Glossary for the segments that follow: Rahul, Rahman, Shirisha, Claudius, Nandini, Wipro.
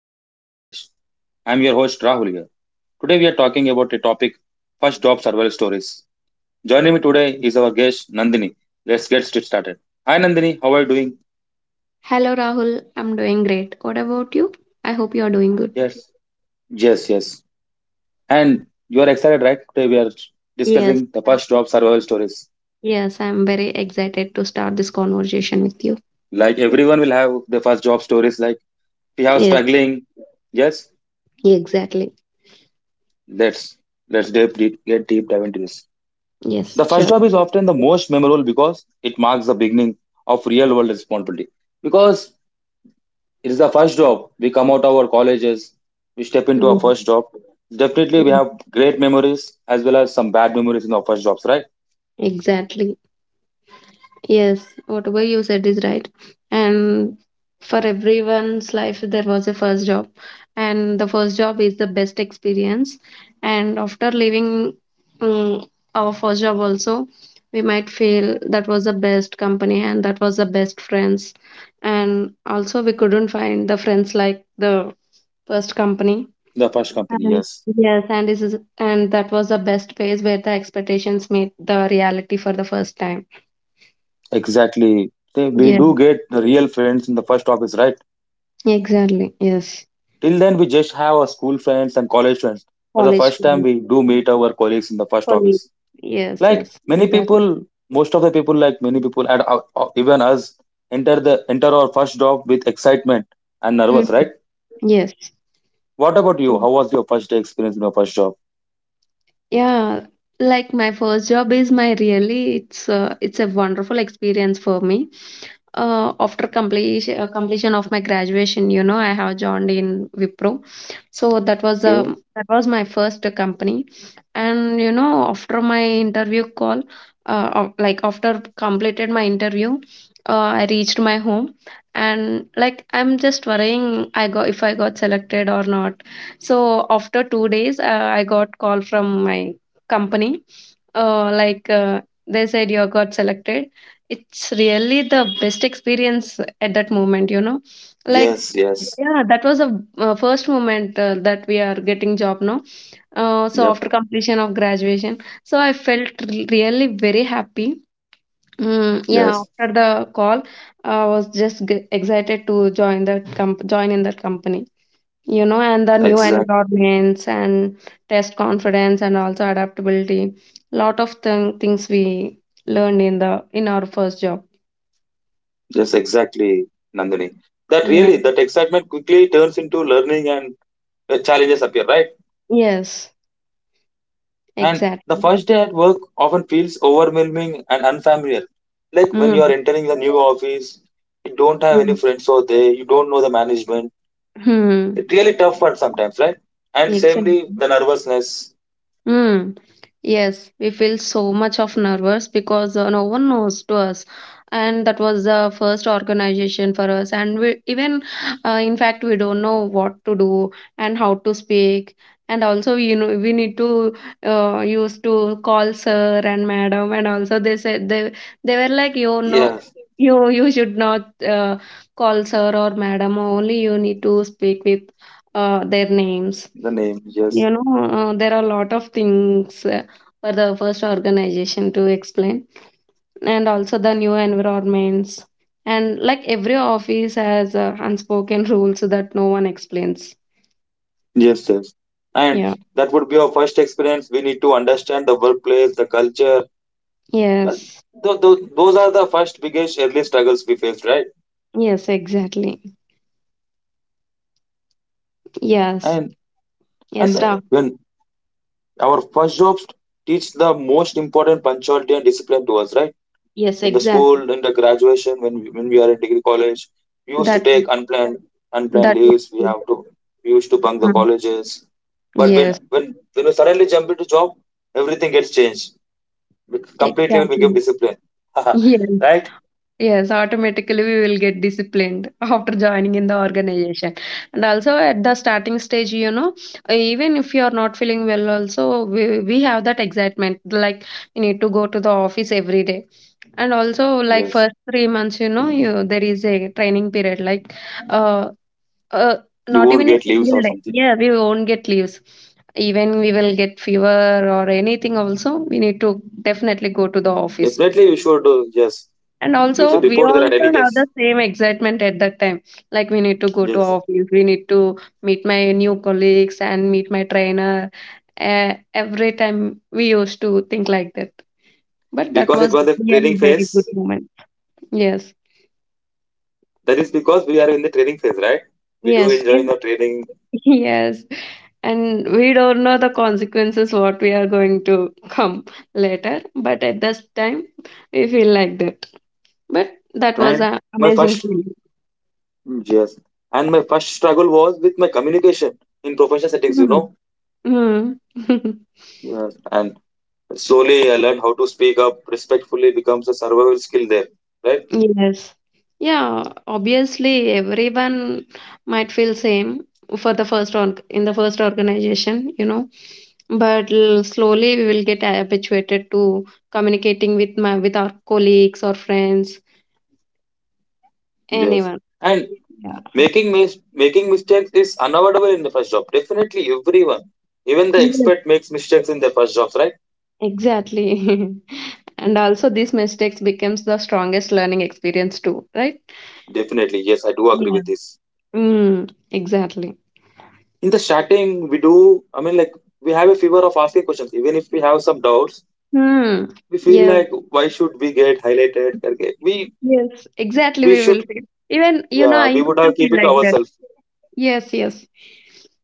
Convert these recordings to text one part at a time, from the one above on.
welcome to the podcast. I'm your host Rahul here. Today we are talking about a topic, first job survival stories. Joining me today is our guest Nandini. Let's get started. Hi Nandini, how are you doing? Hello Rahul, I'm doing great. What about you? I hope you are doing good. Yes, yes, yes. And you are excited, right? Today we are Yes, discussing the first job survival stories. yes, I'm very excited to start this conversation with you. Like everyone will have the first job stories. Like we have Yes, struggling. Yes, exactly. let's let's get deep dive into this. Yes, The first sure. job is often the most memorable because it marks the beginning of real world responsibility. Because it is the first job, we come out of our colleges, we step into our Mm. first job. Definitely, we have great memories as well as some bad memories in our first jobs, right? Exactly. Yes, whatever you said is right. And for everyone's life, there was a first job, and the first job is the best experience. And after leaving um, our first job, also, we might feel that was the best company and that was the best friends. And also, we couldn't find the friends like the first company. The first company, And yes, yes, and this is and that was the best place where the expectations meet the reality for the first time. exactly. We Yes. do get the real friends in the first office, right? Exactly. Yes. Till then, we just have our school friends and college friends. For the College first time, friends, we do meet our colleagues in the first colleagues. office. Yes. Like Yes. many Exactly. people Most of the people, like many people and even us enter our first job with excitement and nervous, right? Hmm. Yes. What about you? Yes. How was your first day experience in your first job? Yeah, like my first job is my really it's a wonderful experience for me. After completion of my graduation, you know, I have joined in Wipro. So Okay. That was my first company, and you know, after my interview call, like after completed my interview, uh, I reached my home, and like I'm just worrying, I got if I got selected or not. So after 2 days, I got call from my company. Uh, like uh, they said, you got selected. It's really the best experience at that moment. You know, like Yes, yes, yeah, that was a first moment that we are getting job now. So yep, after completion of graduation, I felt really very happy. Mm, yeah, yes, after the call, I was just excited to join join in that company, you know, and the new exact, environments and test confidence and also adaptability. Lot of things we learned in the in our first job. yes, exactly, Nandini. That Yeah. really, that excitement quickly turns into learning and challenges appear, right? Yes. And the Exactly. first day at work often feels overwhelming and unfamiliar. Like when you Mm. are entering the new office, you don't have any Mm. friends over there, you don't know the management. Hmm. It's really tough one sometimes, right? And samely, Exactly. the nervousness. Mm. Yes, we feel so much of nervous because no one knows to us, and that was the first organization for us. And we even, in fact, we don't know what to do and how to speak. And also, you know, we need to used to call sir and madam. And also, they said they were like, you know, Yes, you should not call sir or madam. Only you need to speak with their names. the name. Yes, You know, there are a lot of things for the first organization to explain, and also the new environments. And like every office has unspoken rules so that no one explains. yes, yes. And Yeah. that would be our first experience. We need to understand the workplace, the culture. But Yes. Those are the first biggest early struggles we faced, right? Yes, exactly. Yes. And and Yes, Ra. when Our first jobs teach the most important punctuality and discipline to us, right? Yes, In the exactly. school, in the graduation, when we are in degree college, we used to That take unplanned that is leaves. True. We used to bunk the Mhm. colleges. But when Yes, when when we suddenly jump into job, everything gets changed. We completely will become exactly. disciplined, Yes. right? Yes, automatically we will get disciplined after joining in the organization. And also at the starting stage, you know, even if you are not feeling well, also we have that excitement like you need to go to the office every day. And also like Yes, first 3 months, you know, you there is a training period like uh, uh you not won't even a get leaves single or day. something. Yeah, we won't get leaves. Even we will get fever or anything also, we need to definitely go to the office, Definitely, you should. Yes, and you also, should we report that at also any have case. the same excitement at that time. Like we need to go to Yes, office, we need to meet my new colleagues and meet my trainer. Every time we used to think like that. But that because it was was a really training very phase. good moment. Yes. That is because we are in the training phase, right? We do Yes. enjoy in- the training. Yes. And we don't know the consequences what we are going to come later. But at this time, we feel like that. But that was And an my amazing first feeling. Yes, and my first struggle was with my communication in professional settings. You Mhm. know, Mhm. yes. And slowly I learned how to speak up respectfully becomes a survival skill there, right? Yes. Yeah, obviously everyone might feel same for the first or in the first organization, you know. But slowly we will get habituated to communicating with my with our colleagues or friends, Yes. anyone. And Yeah. making mis- making mistakes is unavoidable in the first job. Definitely, everyone, even the Yes, expert makes mistakes in their first jobs, right? exactly. And also these mistakes becomes the strongest learning experience too, right? Definitely, yes, I do agree Yeah. with this. Mm, exactly. In the starting, we do, I mean, like, we have a fever of asking questions, even if we have some doubts, Hmm. we feel Yes. like, why should we get highlighted करके? Yes, exactly. We We will should feel. Even, you know, Yeah, I we used would have to keep feel it to like that. ourselves. Yes, yes.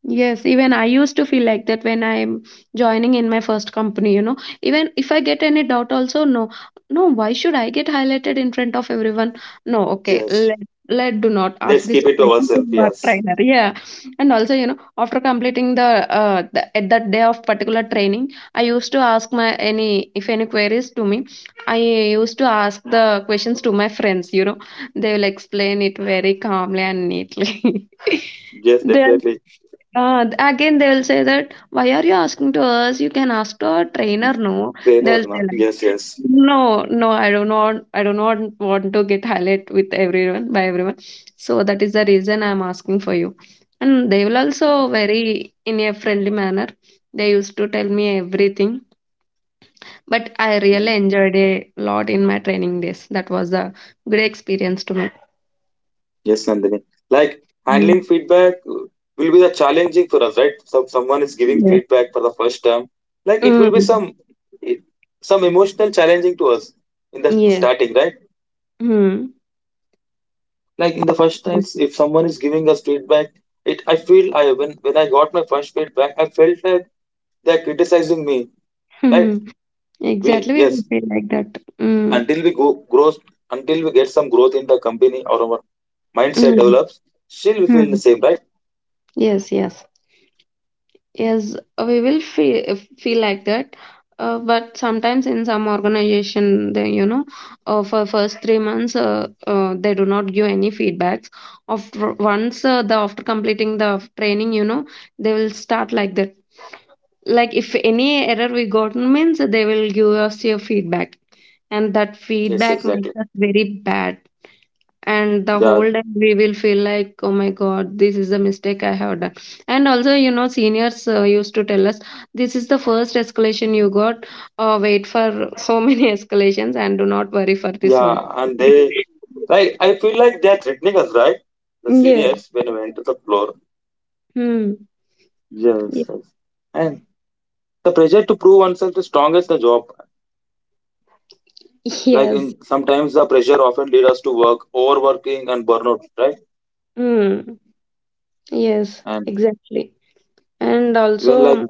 Yes, even I used to feel like that when I'm joining in my first company, you know. Even if I get any doubt, also, no, no, why should I get highlighted in front of everyone? No, okay, Yes, let, do not ask let's this keep it to question to ourselves. my Yes, trainer. Yeah. And also, you know, after completing the, at that day of particular training, I used to ask if any queries to me, I used to ask the questions to my friends, you know. They will explain it very calmly and neatly. yes, They'll definitely. Again they will say that why are you asking to us? You can ask to our trainer, no? Trainer They'll na? say Yes, like yes. no, no, I do not want to get highlight with everyone by everyone. So that is the reason I'm asking for you. And they will also very in a friendly manner. They used to tell me everything. But I Mhm. really enjoyed a lot in my training days. That was a good experience to me. Yes, Nandini, like handling Mm. feedback will be the challenging for us, right? So someone is giving Yes. feedback for the first time, like it will be Mm. some emotional challenging to us in the Yes. starting, right? Mm. Like in the first times, if someone is giving us feedback, it I feel I when I got my first feedback, I felt like they're criticizing me, right? we Exactly, we will Yes, feel like that. Until we go grows until we get some growth in the company or our mindset mm, develops, still we feel mm. the same, right? Yes, yes, yes. We will feel like that. But sometimes in some organization, they, you know, for first 3 months, they do not give any feedbacks. After once the after completing the training, you know, they will start like that. Like if any error we got means they will give us your feedback, and that Yes, feedback exactly, makes us very bad. And the yeah, whole day we will feel like, oh my god, this is a mistake I have done. And also, you know, seniors used to tell us this is the first escalation you got. Uh, wait for so many escalations and do not worry for this yeah. one. and they Like I feel like they're threatening us, right? The Yeah. seniors, when we enter the floor. Hmm. Yes, Ye- yes. And the pressure to prove oneself is strong as the job. Like Yes. in sometimes the pressure often lead us to work overworking and burnout, right? Hmm. Yes. and Exactly. And when like also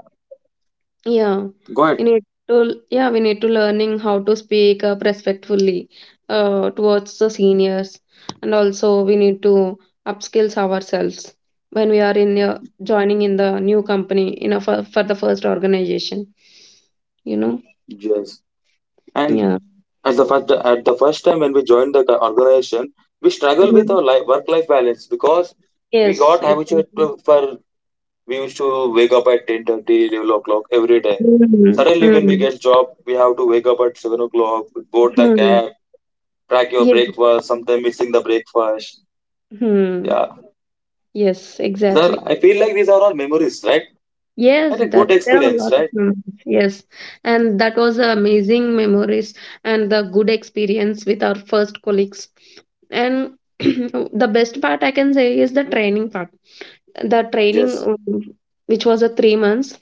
Yeah, Go ahead. Yeah, we need to learning how to speak up respectfully towards the seniors, and also we need to upskills ourselves when we are in joining in the new company for the first organization. You know, Yes, and yeah. At the first time when we joined the organization, we struggle with Mhm. our life, work life balance, because we Yes, got habituated exactly. to, for we used to wake up at 10:30, 11 o'clock every day. Mm-hmm. Suddenly when we Mm-hmm. get job we have to wake up at 7 o'clock, board the Hmm. cab, track your Yes. breakfast, sometimes missing the breakfast. Mhm. Yeah, Yes, there exactly. I feel like these are all memories, right? Yes, Had a that good there are a experience, lot of right? memories. Yes, and that was a amazing memories and the good experience with our first colleagues. And the best part I can say is the training part. The training, Yes, which was a 3 months.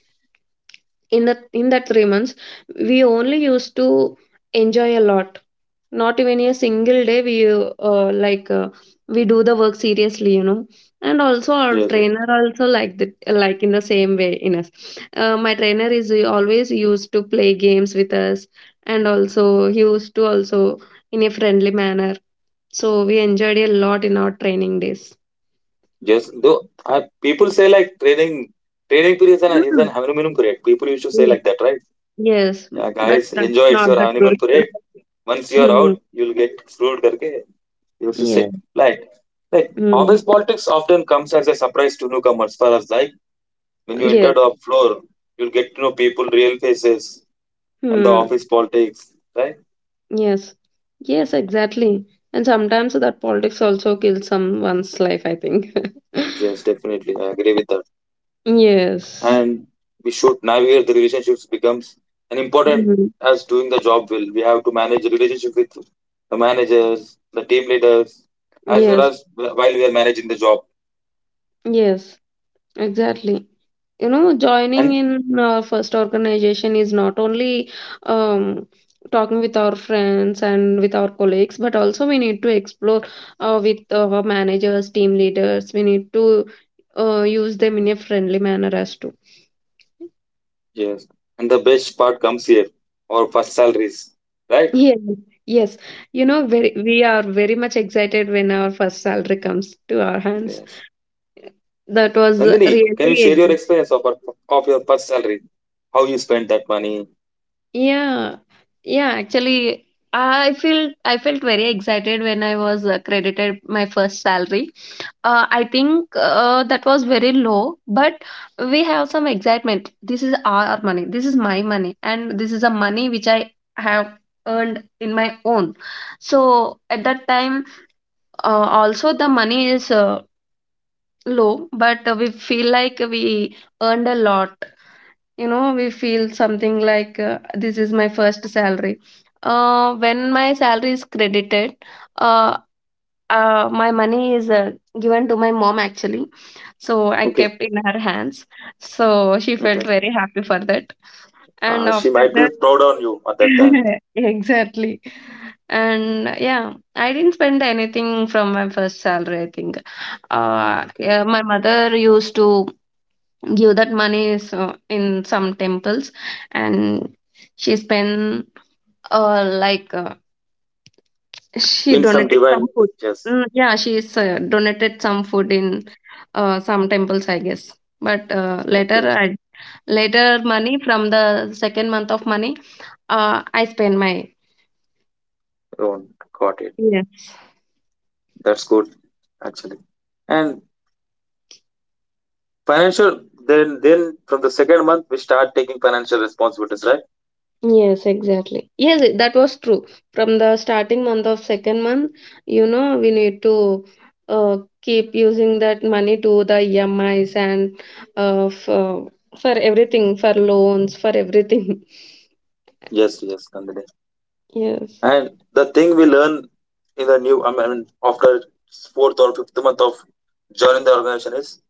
In that 3 months, we only used to enjoy a lot. Not even a single day we we do the work seriously, you know. And also our yes, trainer also like the like in the same way in us. My trainer is always used to play games with us, and also he used to also in a friendly manner. So we enjoyed a lot in our training days. yes. Though people say like, training period is an Mhm. honeymoon period. People used to say Yes, like that, right? yes, Yeah, but guys, that's enjoy, it's not your the honeymoon truth. period. Once you are Hmm. out, you'll get screwed. करके you used to say. Yes, like like office mm, politics often comes as a surprise to newcomers. For us, like when you enter yes. the floor, you'll get to know people, real faces, and the Hmm. office politics, right? Yes, yes, exactly. And sometimes that politics also kills someone's life, I think. Yes, definitely, I agree with that. Yes. And we should navigate the relationships, becomes an important Mhm. as doing the job well. We have to manage the relationship with the managers, the team leaders, as well Yes. as while we are managing the job. Yes. Exactly. You know, joining And in our first organization is not only um, talking with our friends and with our colleagues, but also we need to explore with our managers, team leaders. We need to use them in a friendly manner as to. yes, and the best part comes here, our first salaries, right? Yes, yes. You know, very, we are very much excited when our first salary comes to our hands. Yes. That was Nandini, really can you share your exciting. experience of, your first salary? How you spent that money? Yeah, yeah. Actually, I felt very excited when I was credited my first salary. I think that was very low, but we have some excitement. This is our money. This is my money, and this is a money which I have earned in my own. So at that time uh, also, the money is low, but we feel like we earned a lot. You know, we feel something like this is my first salary. When my salary is credited, uh, my money is given to my mom actually. So I Okay. kept in her hands. So she felt Okay. very happy for that. And She after might be that, proud on you at that time. exactly. And yeah, I didn't spend anything from my first salary, I think. Okay. Yeah, my mother used to give that money so in some temples, and she spent uh, like uh, she In some donated divine, some food. yes. Mm, yeah, she's donated some food in some temples, I guess. But later, Okay, I Later money from the second month of money, I spend my Rohan, got it. yes. That's good actually. And financial then from the second month we start taking financial responsibilities, right? Yes, exactly. That was true. From the starting month of second month, you know, we need to keep using that money to the EMIs and uh, for, for everything, for loans, for everything. Yes, yes, Nandini. Yes. And the thing we learn in the new I mean, after fourth or fifth month of joining the organization is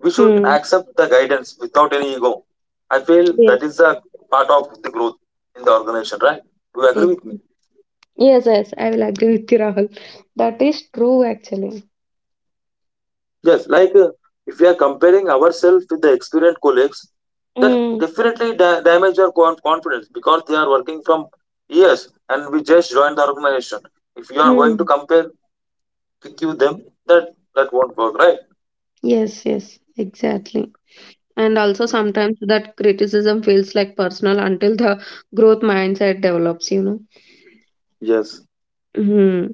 we should Hmm. accept the guidance without any ego. I feel Yes. that is a part of the growth in the organization, right? Do you agree with me? ex- Yes, yes, I will agree with you, Rahul. That is true, actually. Yes, like if we are comparing ourselves with the experienced colleagues, that Mm. definitely damage our confidence, because they are working from years and we just joined the organization. If you are going to Mm. compare with you them, that that won't work, right? Yes, yes, exactly. And also Yeah. sometimes that criticism feels like personal until the growth mindset develops. Yes, hmm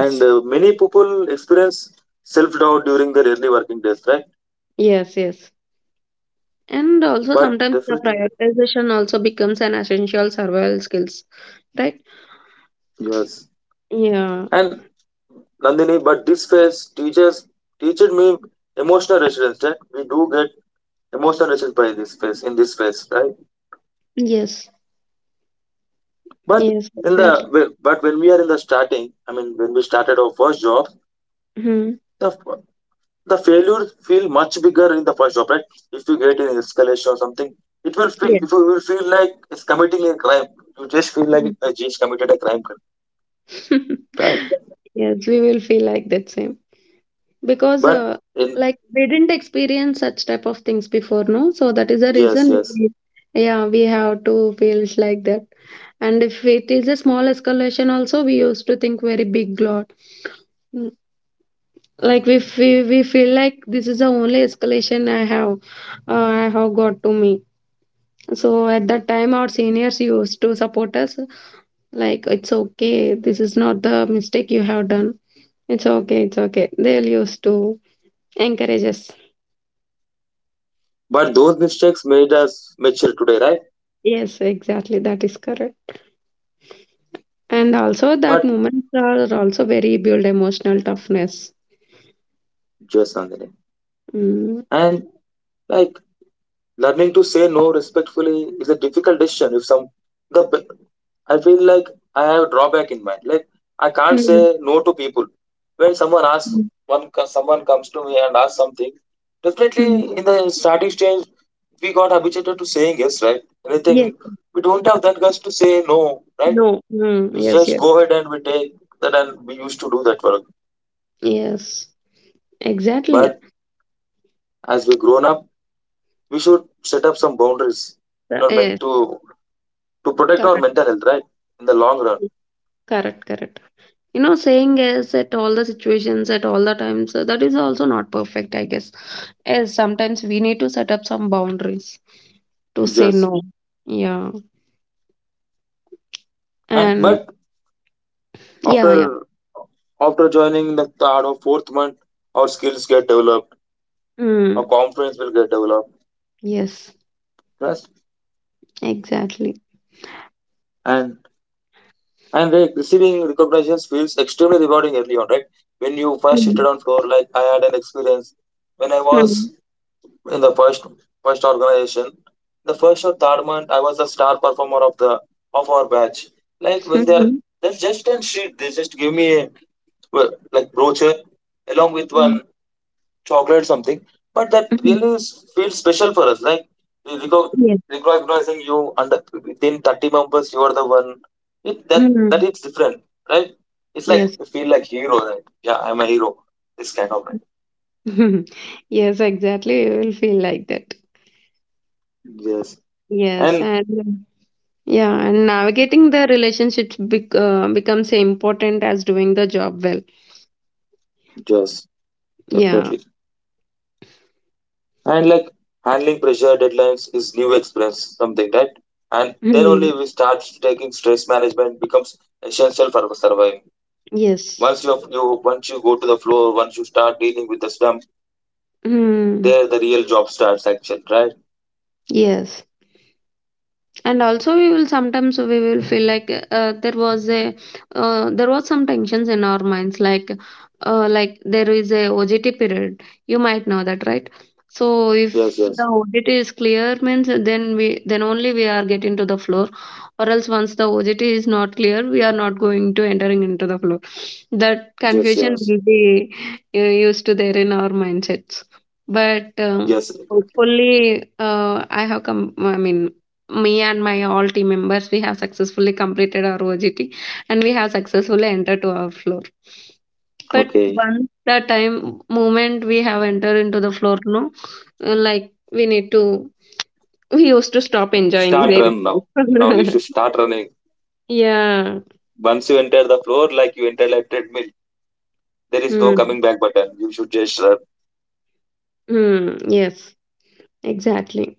and many people experience self doubt during their early working days, right? yes. And also But sometimes the definitely, prioritization also becomes an essential survival skills, right? yes. Yeah. And Nandini, but this phase teaches me emotional resilience. That we do get emotional resilience by this phase, in this phase, right? Yes. But Yes, in exactly. the but when we are in the starting, I mean, when we started our first job, hmm the the failures feel much bigger in the first job, right? If you get an escalation or something, it will feel Yes. if you will feel like it's committing a crime. You just feel like I just committed a crime, right? Yes, we will feel like that same. Because, But in like, we didn't experience such type of things before, no? So that is the Yes, reason yes. we, Yeah, we have to feel like that. And if it is a small escalation also, we used to think very big lot. Mm, Like we feel like this is the only escalation I have got to me. So at that time, our seniors used to support us, like it's okay, this is not the mistake you have done. It's okay, it's okay. They'll used to encourage us. But those mistakes made us mature today, right? Yes, exactly. That is correct. And also, that But moments are also very build emotional toughness. Yes, Nandini. Mm. And like, learning to say no respectfully is a difficult decision. If some the b- I feel like I have a drawback in mind. Like I can't Mm. say no to people. When Mm. Someone comes to me and asks something, Mm. definitely in the starting stage we got habituated to saying yes, right? Yes. Anything, we don't have that guts to say no, right? No. Mm. We Yes. just Yes. go ahead and we take that and we used to do that work. Yes. Exactly. But as we grown up, we should set up some boundaries, meant Yes. To protect our Correct. mental health, right, in the long run. Correct. Correct. You know, saying yes at all the situations, at all the times, that is also not perfect, I guess. Yes, sometimes we need to set up some boundaries to say Yes, no. Yeah. and And but yeah. after after joining the third or fourth month, our skills get developed, our Mm. confidence will get developed, Yes. trust, Exactly. and and receiving recognitions feels extremely rewarding early on, right? When you first Mm. shifted on floor, like I had an experience when I was Mhm. in the first organization, the first or third month, I was the star performer of the of our batch. Like when they're Mhm. they're just on sheet, they just give me a, well, like brochure along with Mm. one chocolate something. But that Mhm. really feels special for us. Like we reco- Yes. recognizing you under within 30 members, you are the one. It, that that Mhm. It's different, right? It's like Yes. you feel like hero, right? Yeah, I'm a hero. This kind of right. Yes, exactly. You will feel like that. Yes, Yes, and and Yeah, and navigating the relationships becomes important as doing the job well. yes, Yeah. definitely. And like handling pressure, deadlines is new experience, something, right? And then Hmm. only we start taking stress management becomes essential for surviving. Yes. Once you go to the floor, once you start dealing with the slump, Hmm. there the real job starts action, right? Yes. And also we will sometimes we will feel like uh, there was a there was some tensions in our minds like there is a OJT period. You might know that, right? So Yes, if the yes, OJT is clear means, then only we are getting to the floor. Or else once the OJT is not clear, we are not going to entering into the floor. That yes, confusion yes, will be used to there in our mindsets. But yes. Hopefully I have come I mean me and my all team members, we have successfully completed our OJT and we have successfully entered to our floor. But Okay, once the time moment we have entered into the floor, no, like we need to, we used to stop enjoying start there run now. Now you itself. should start running. Yeah. Once you enter the floor, like you enter like treadmill, there is no Hmm. coming back button. You should just run. Hmm. Yes. Exactly.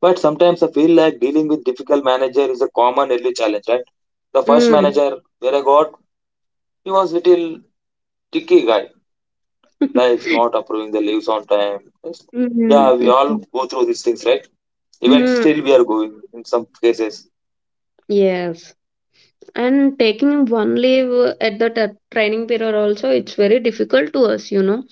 But sometimes I feel like dealing with difficult manager is a common early challenge, right? The first Hmm. manager where I got, he was little tricky guy, like not approving the leaves on time. Yes. Hmm. Yeah, we all go through these things, right? Even Hmm. still, we are going in some cases. Yes. And taking one leave at the training period also, it's very difficult to us, you know.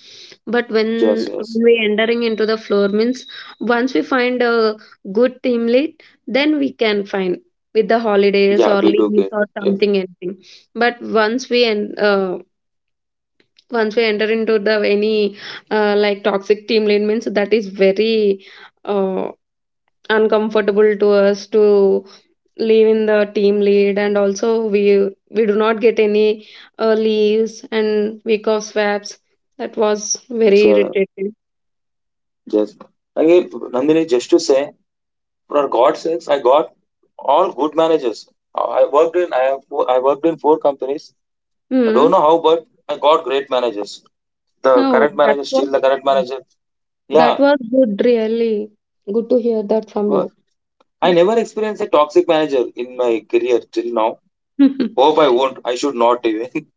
But Yes, when yes. we entering into the floor means, once we find a good team lead, then we can find with the holidays Yeah, or we do leaves get. or Yeah, something anything. But once we enter into the any like toxic team lead means, that is very uh, uncomfortable to us to leave in the team lead, and also we do not get any leaves and week of swaps. That was very yeah, irritating. yes. Again, Nandini, just to say, for God's sakes, I got all good managers. I I have four, I worked in four companies. I don't Hmm. know how, but I got great managers. The No, current that manager, was, still the current manager. that Yeah, was good, really good to hear that it from you. was. I never experienced a toxic manager in my career till now. Hope I won't. I should not even.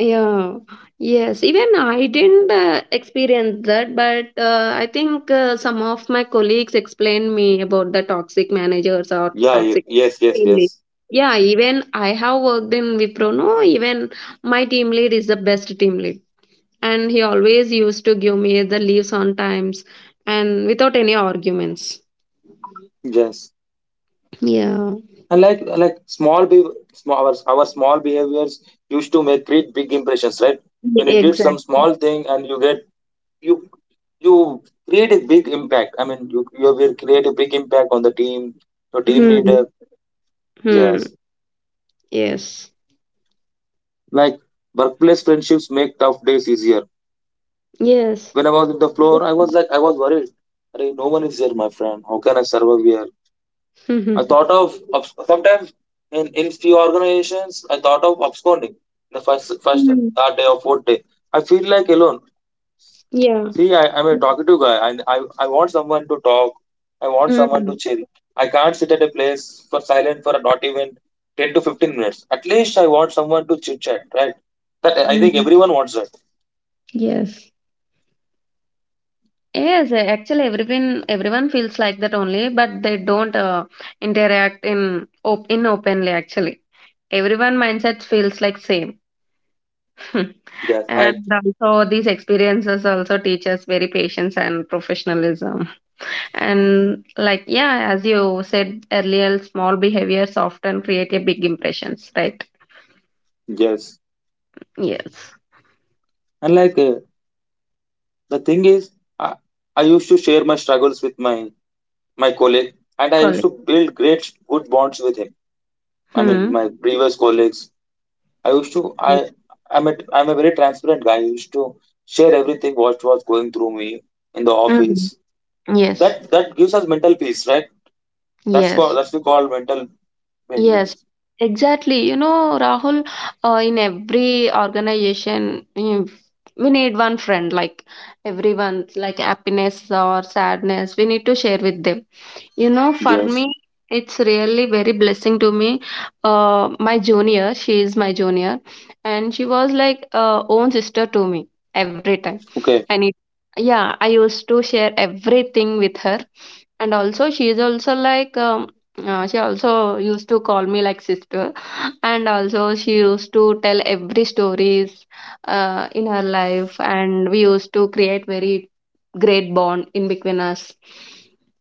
Yeah, yes, even I didn't experience that, but I think some of my colleagues explained me about the toxic managers or Yeah. Toxic Yes. Yes. team lead. Yes. Yeah, even I have worked in Wipro. No, even my team lead is the best team lead. And he always used to give me the leaves on times and without any arguments. Yes. Yeah. And like our small behaviors used to make create big impressions, right? When you did some Exactly. small thing and you get you you create a big impact. I mean, you will create a big impact on the team, your team leader. Hmm. Hmm. Yes. Yes. Like workplace friendships make tough days easier. Yes. When I was in the floor, I was worried. Hey, no one is there, my friend. How can I survive here? I thought of- sometimes in few organizations, I thought of absconding the first, Hmm. third day or fourth day. I feel like alone. Yeah. See, I'm a talkative guy, and I want someone to talk. I want someone to Hmm. chill. I can't sit at a place for silent for not even 10 to 15 minutes. At least I want someone to chit chat, right? That I think Hmm. everyone wants that. Yes. Yes, actually everyone feels like that only, but they don't interact in op in openly actually. Everyone mindset feels like same. Yes, I And also these experiences also teach us very patience and professionalism. And like yeah, as you said earlier, small behaviors often create a big impressions, right? yes. Yes. And the thing is, I, I used to share my struggles with my colleague, and I used Correct. to build great good bonds with him. I mean, Hmm. my previous colleagues. I used to I I'm a I'm a very transparent guy. I used to share everything what was going through me in the Mm. office. Yes. That gives us mental peace, right? That's called Yes. that's we call mental Yes, mental. exactly. You know, Rahul, in every organization, we need one friend, like everyone, like happiness or sadness, we need to share with them. You know, for Yes. me, it's really very blessing to me. My junior, she is my junior, and she was like own sister to me every time. Okay. I need, yeah, I used to share everything with her, and also she is also like she also used to call me like sister, and also she used to tell every stories in her life, and we used to create very great bond in between us.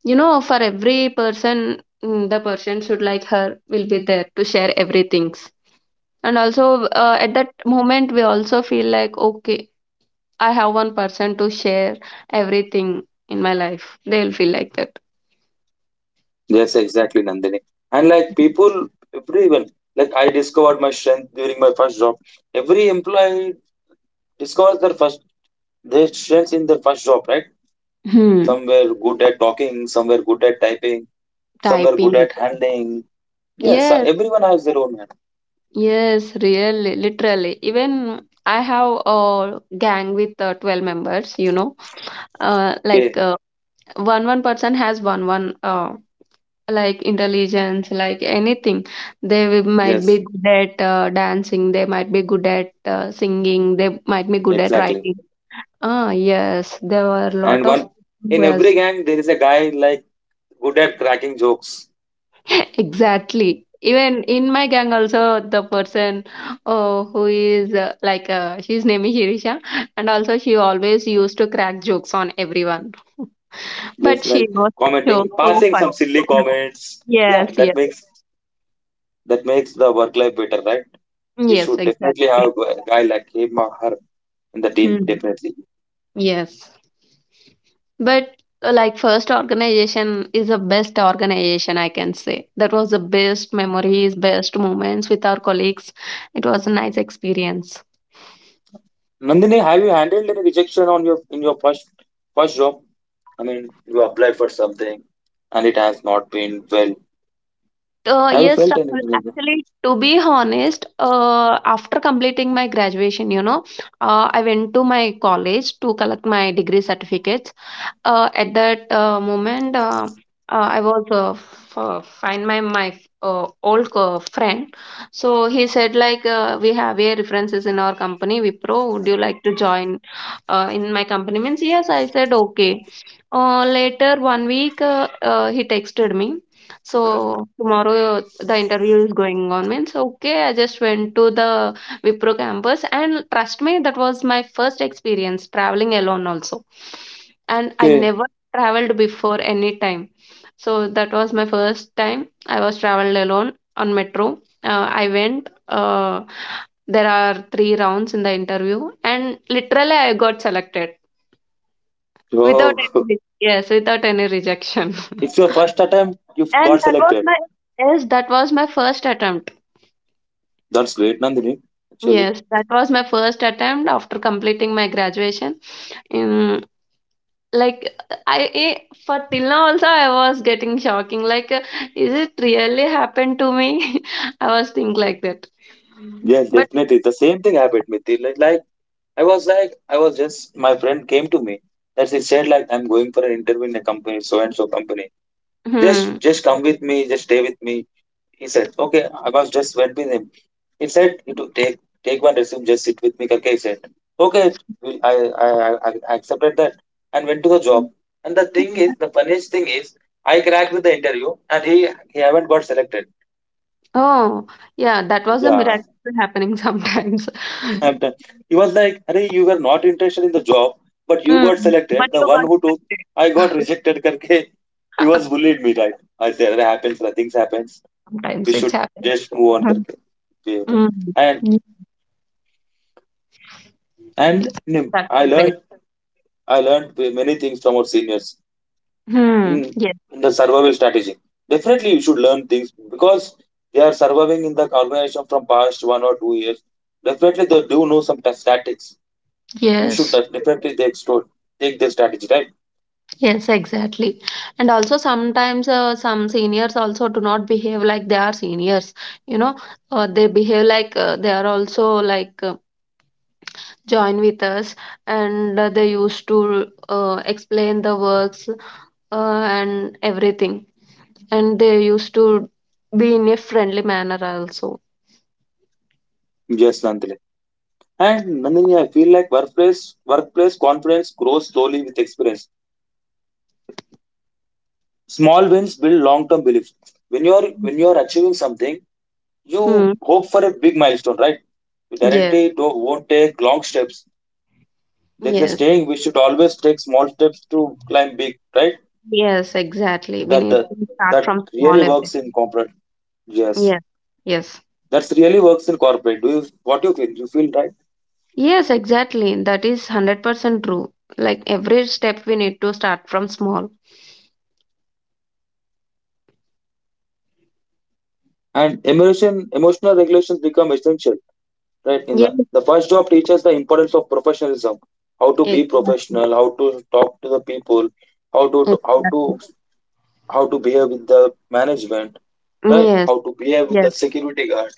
You know, for every person, the person should like her will be there to share everything. And also, at that moment, we also feel like, okay, I have one person to share everything in my life. They'll feel like that. Yes, exactly, Nandini. And like people, everyone. Like I discovered my strength during my first job. Every employee discovers their first They strengths in their first job, right? Hmm. Some were good at talking, some were good at typing, some were good Typing. at handling. Yes, Yes, everyone has their own hand. yes, really, literally. Even I have a gang with 12 members, you know. Uh, like Okay, uh, one person has one like intelligence like anything. They might be yes, good at dancing, they might be good at singing, they might be good at exactly. writing. Ah yes, there were a lot And of one people who in was. every gang, there is a guy like good at cracking jokes, Exactly, even in my gang also the person who is like she's name is Shirisha, and also she always used to crack jokes on everyone. But just she like was so commenting, so passing some funny. silly comments. Yeah, Yes, yes, that makes the work life better, right? We yes, should definitely exactly. have a guy like him or her in the team, Hmm. definitely. Yes. But like, first organization is the best organization I can say. That was the best memories, best moments with our colleagues. It was a nice experience. Nandini, have you handled any rejection on your in your first job? I mean, you applied for something and it has not been well. Have you Yes, felt Rahul. anything like that? Actually, to be honest, after completing my graduation, you know, I went to my college to collect my degree certificates. Uh, at that uh, moment, uh, I was find my old friend. So he said like we have a references in our company Wipro. Would you like to join in my company? Means yes. I said okay. Later 1 week, he texted me. So tomorrow the interview is going on. Means okay. I just went to the Wipro campus, and trust me, that was my first experience traveling alone also, and I Okay. never traveled before any time. So that was my first time I was traveled alone on metro. I went. There are 3 rounds in the interview, and literally I got selected Wow. without any yes, without any rejection. It's your first attempt. You got And that was selected. my, yes, that was my first attempt. That's great, Nandini. Actually, Yes, that was my first attempt after completing my graduation. Like, I eh, for till now also I was getting shocking. Like, is it really happened to me? I was think like that. Mm. yes, But definitely. The same thing happened with me. I was just, my friend came to me. That She said like, I'm going for an interview in a company, so and so company. hmm. Just come with me. Just stay with me. He said, okay, Abbas just went with him. He said, you to take one resume, just sit with me. Karke. He said, okay, we- I, I accepted that and went to the job. And the funniest thing is, I cracked with the interview and he haven't got selected. Oh, yeah, that was a Yeah. miracle happening sometimes. I'm done. He was like, hey, you were not interested in the job, but you got Mm. But selected. The you one got who took, I got selected. rejected. Karke. He was bullied me, right? I said, it happens, things happens. Sometimes We it's should happened. just move on. Mm. Karke. We have done. And Mm. And you know, That's great. I learned many things from our seniors Hmm. in, Yes. in the survival strategy. Definitely, you should learn things because they are surviving in the organization from past 1 or 2 years. Definitely, they do know some tactics. You should Yes. Definitely they extol, take their strategy, right? Yes, exactly. And also, sometimes some seniors also do not behave like they are seniors. You know, they behave like they are also like join with us, and they used to explain the works and everything, and they used to be in a friendly manner also. Yes, Nandini. And Nandini, I feel like workplace confidence grows slowly with experience. Small wins build long term belief. When you are achieving something, Hmm. you hope for a big milestone, right? You Yeah. directly don't, won't take long steps. There is a Yes. saying we should always take small steps to climb big, right? Yes. Exactly. We That need that, to start that from really small. Everything. works in corporate. Yes, Yes. Yes. that's really works in corporate. Do you what you feel? You feel right? Yes, exactly. That is 100% true. Like every step we need to start from small. And emotional regulations become essential, right? In Yes, the first job teaches the importance of professionalism, how to be exactly. professional, how to talk to the people, how to how to Exactly. how to behave with the management, right? Yes, How to behave with the yes, security guard,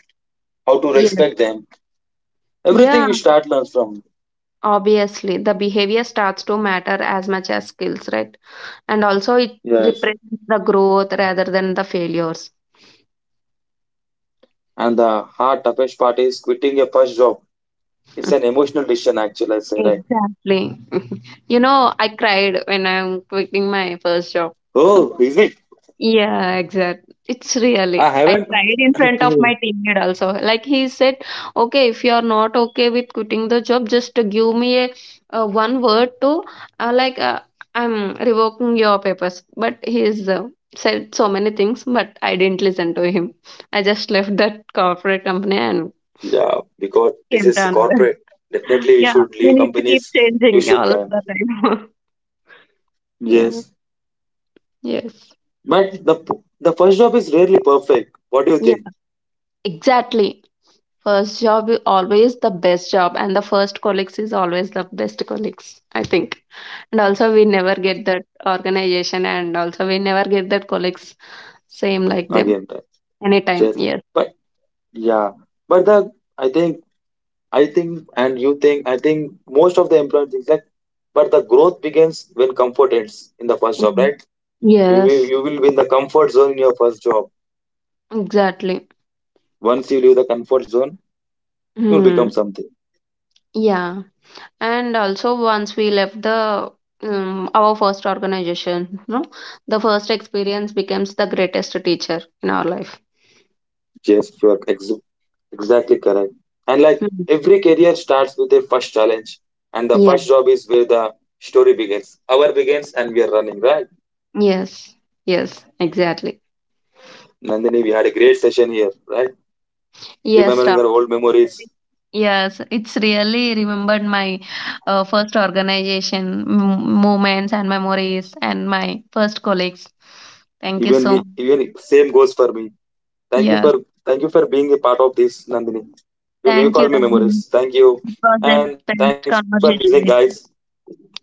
how to yes. respect them. Yeah, Everything we start learns from. obviously, the behavior starts to matter as much as skills, right? And also, it Yes. represents the growth rather than the failures. And the hard toughest part is quitting your first job. It's an emotional decision actually, I say, right? Exactly. You know, I cried when I'm quitting my first job. Oh, is it? Yeah, exact. It's really. I I haven't, cried in front of my okay. teammate also. Like he said, okay, if you are not okay with quitting the job, just give me a, uh, one word to uh, like uh, I'm revoking your papers. But he's said so many things, but I didn't listen to him. I just left that corporate company and Yeah, because this came to is another. corporate. Definitely you Yeah, should we leave need to keep companies, you changing should all learn. the time. Yeah. Yes. Yes. But the first job is rarely perfect. What do you Yeah. think? Exactly. First job is always the best job, and the first colleagues is always the best colleagues, I think. And also, we never get that organization, and also, we never get that colleagues same like them Again, right? anytime. Yes. Yes. But yeah. But the I think I think, and you think, I think most of the employer thinks like, but the growth begins when comfort ends in the first job, Mhm. right? Yes, You will be in the comfort zone in your first job. exactly. Once you leave the comfort zone, you'll Hmm. become something. Yeah. And also, once we left the our first organization, no, the first experience becomes the greatest teacher in our life. Yes, you're exactly correct. And like Hmm. every career starts with a first challenge, and the Yeah. first job is where the story begins. Our begins, and we are running, right? Yes. Yes. Exactly. Nandini, we had a great session here, right? Yes, Ra. Remembering our old memories. Yes, it's really remembered my first organization moments and memories and my first colleagues. Thank you Even so me, much. even same goes for me. Thank you for Yes, thank you for being a part of this, Nandini. You thank you, call me memories. Rahman. Thank you, It was and a thanks for best listening, guys. conversation with you.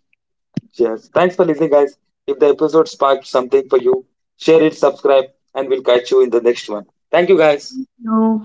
Cheers. Thanks for listening, guys. If the episode sparked something for you, share it, subscribe, and we'll catch you in the next one. Thank you, guys. Thank you.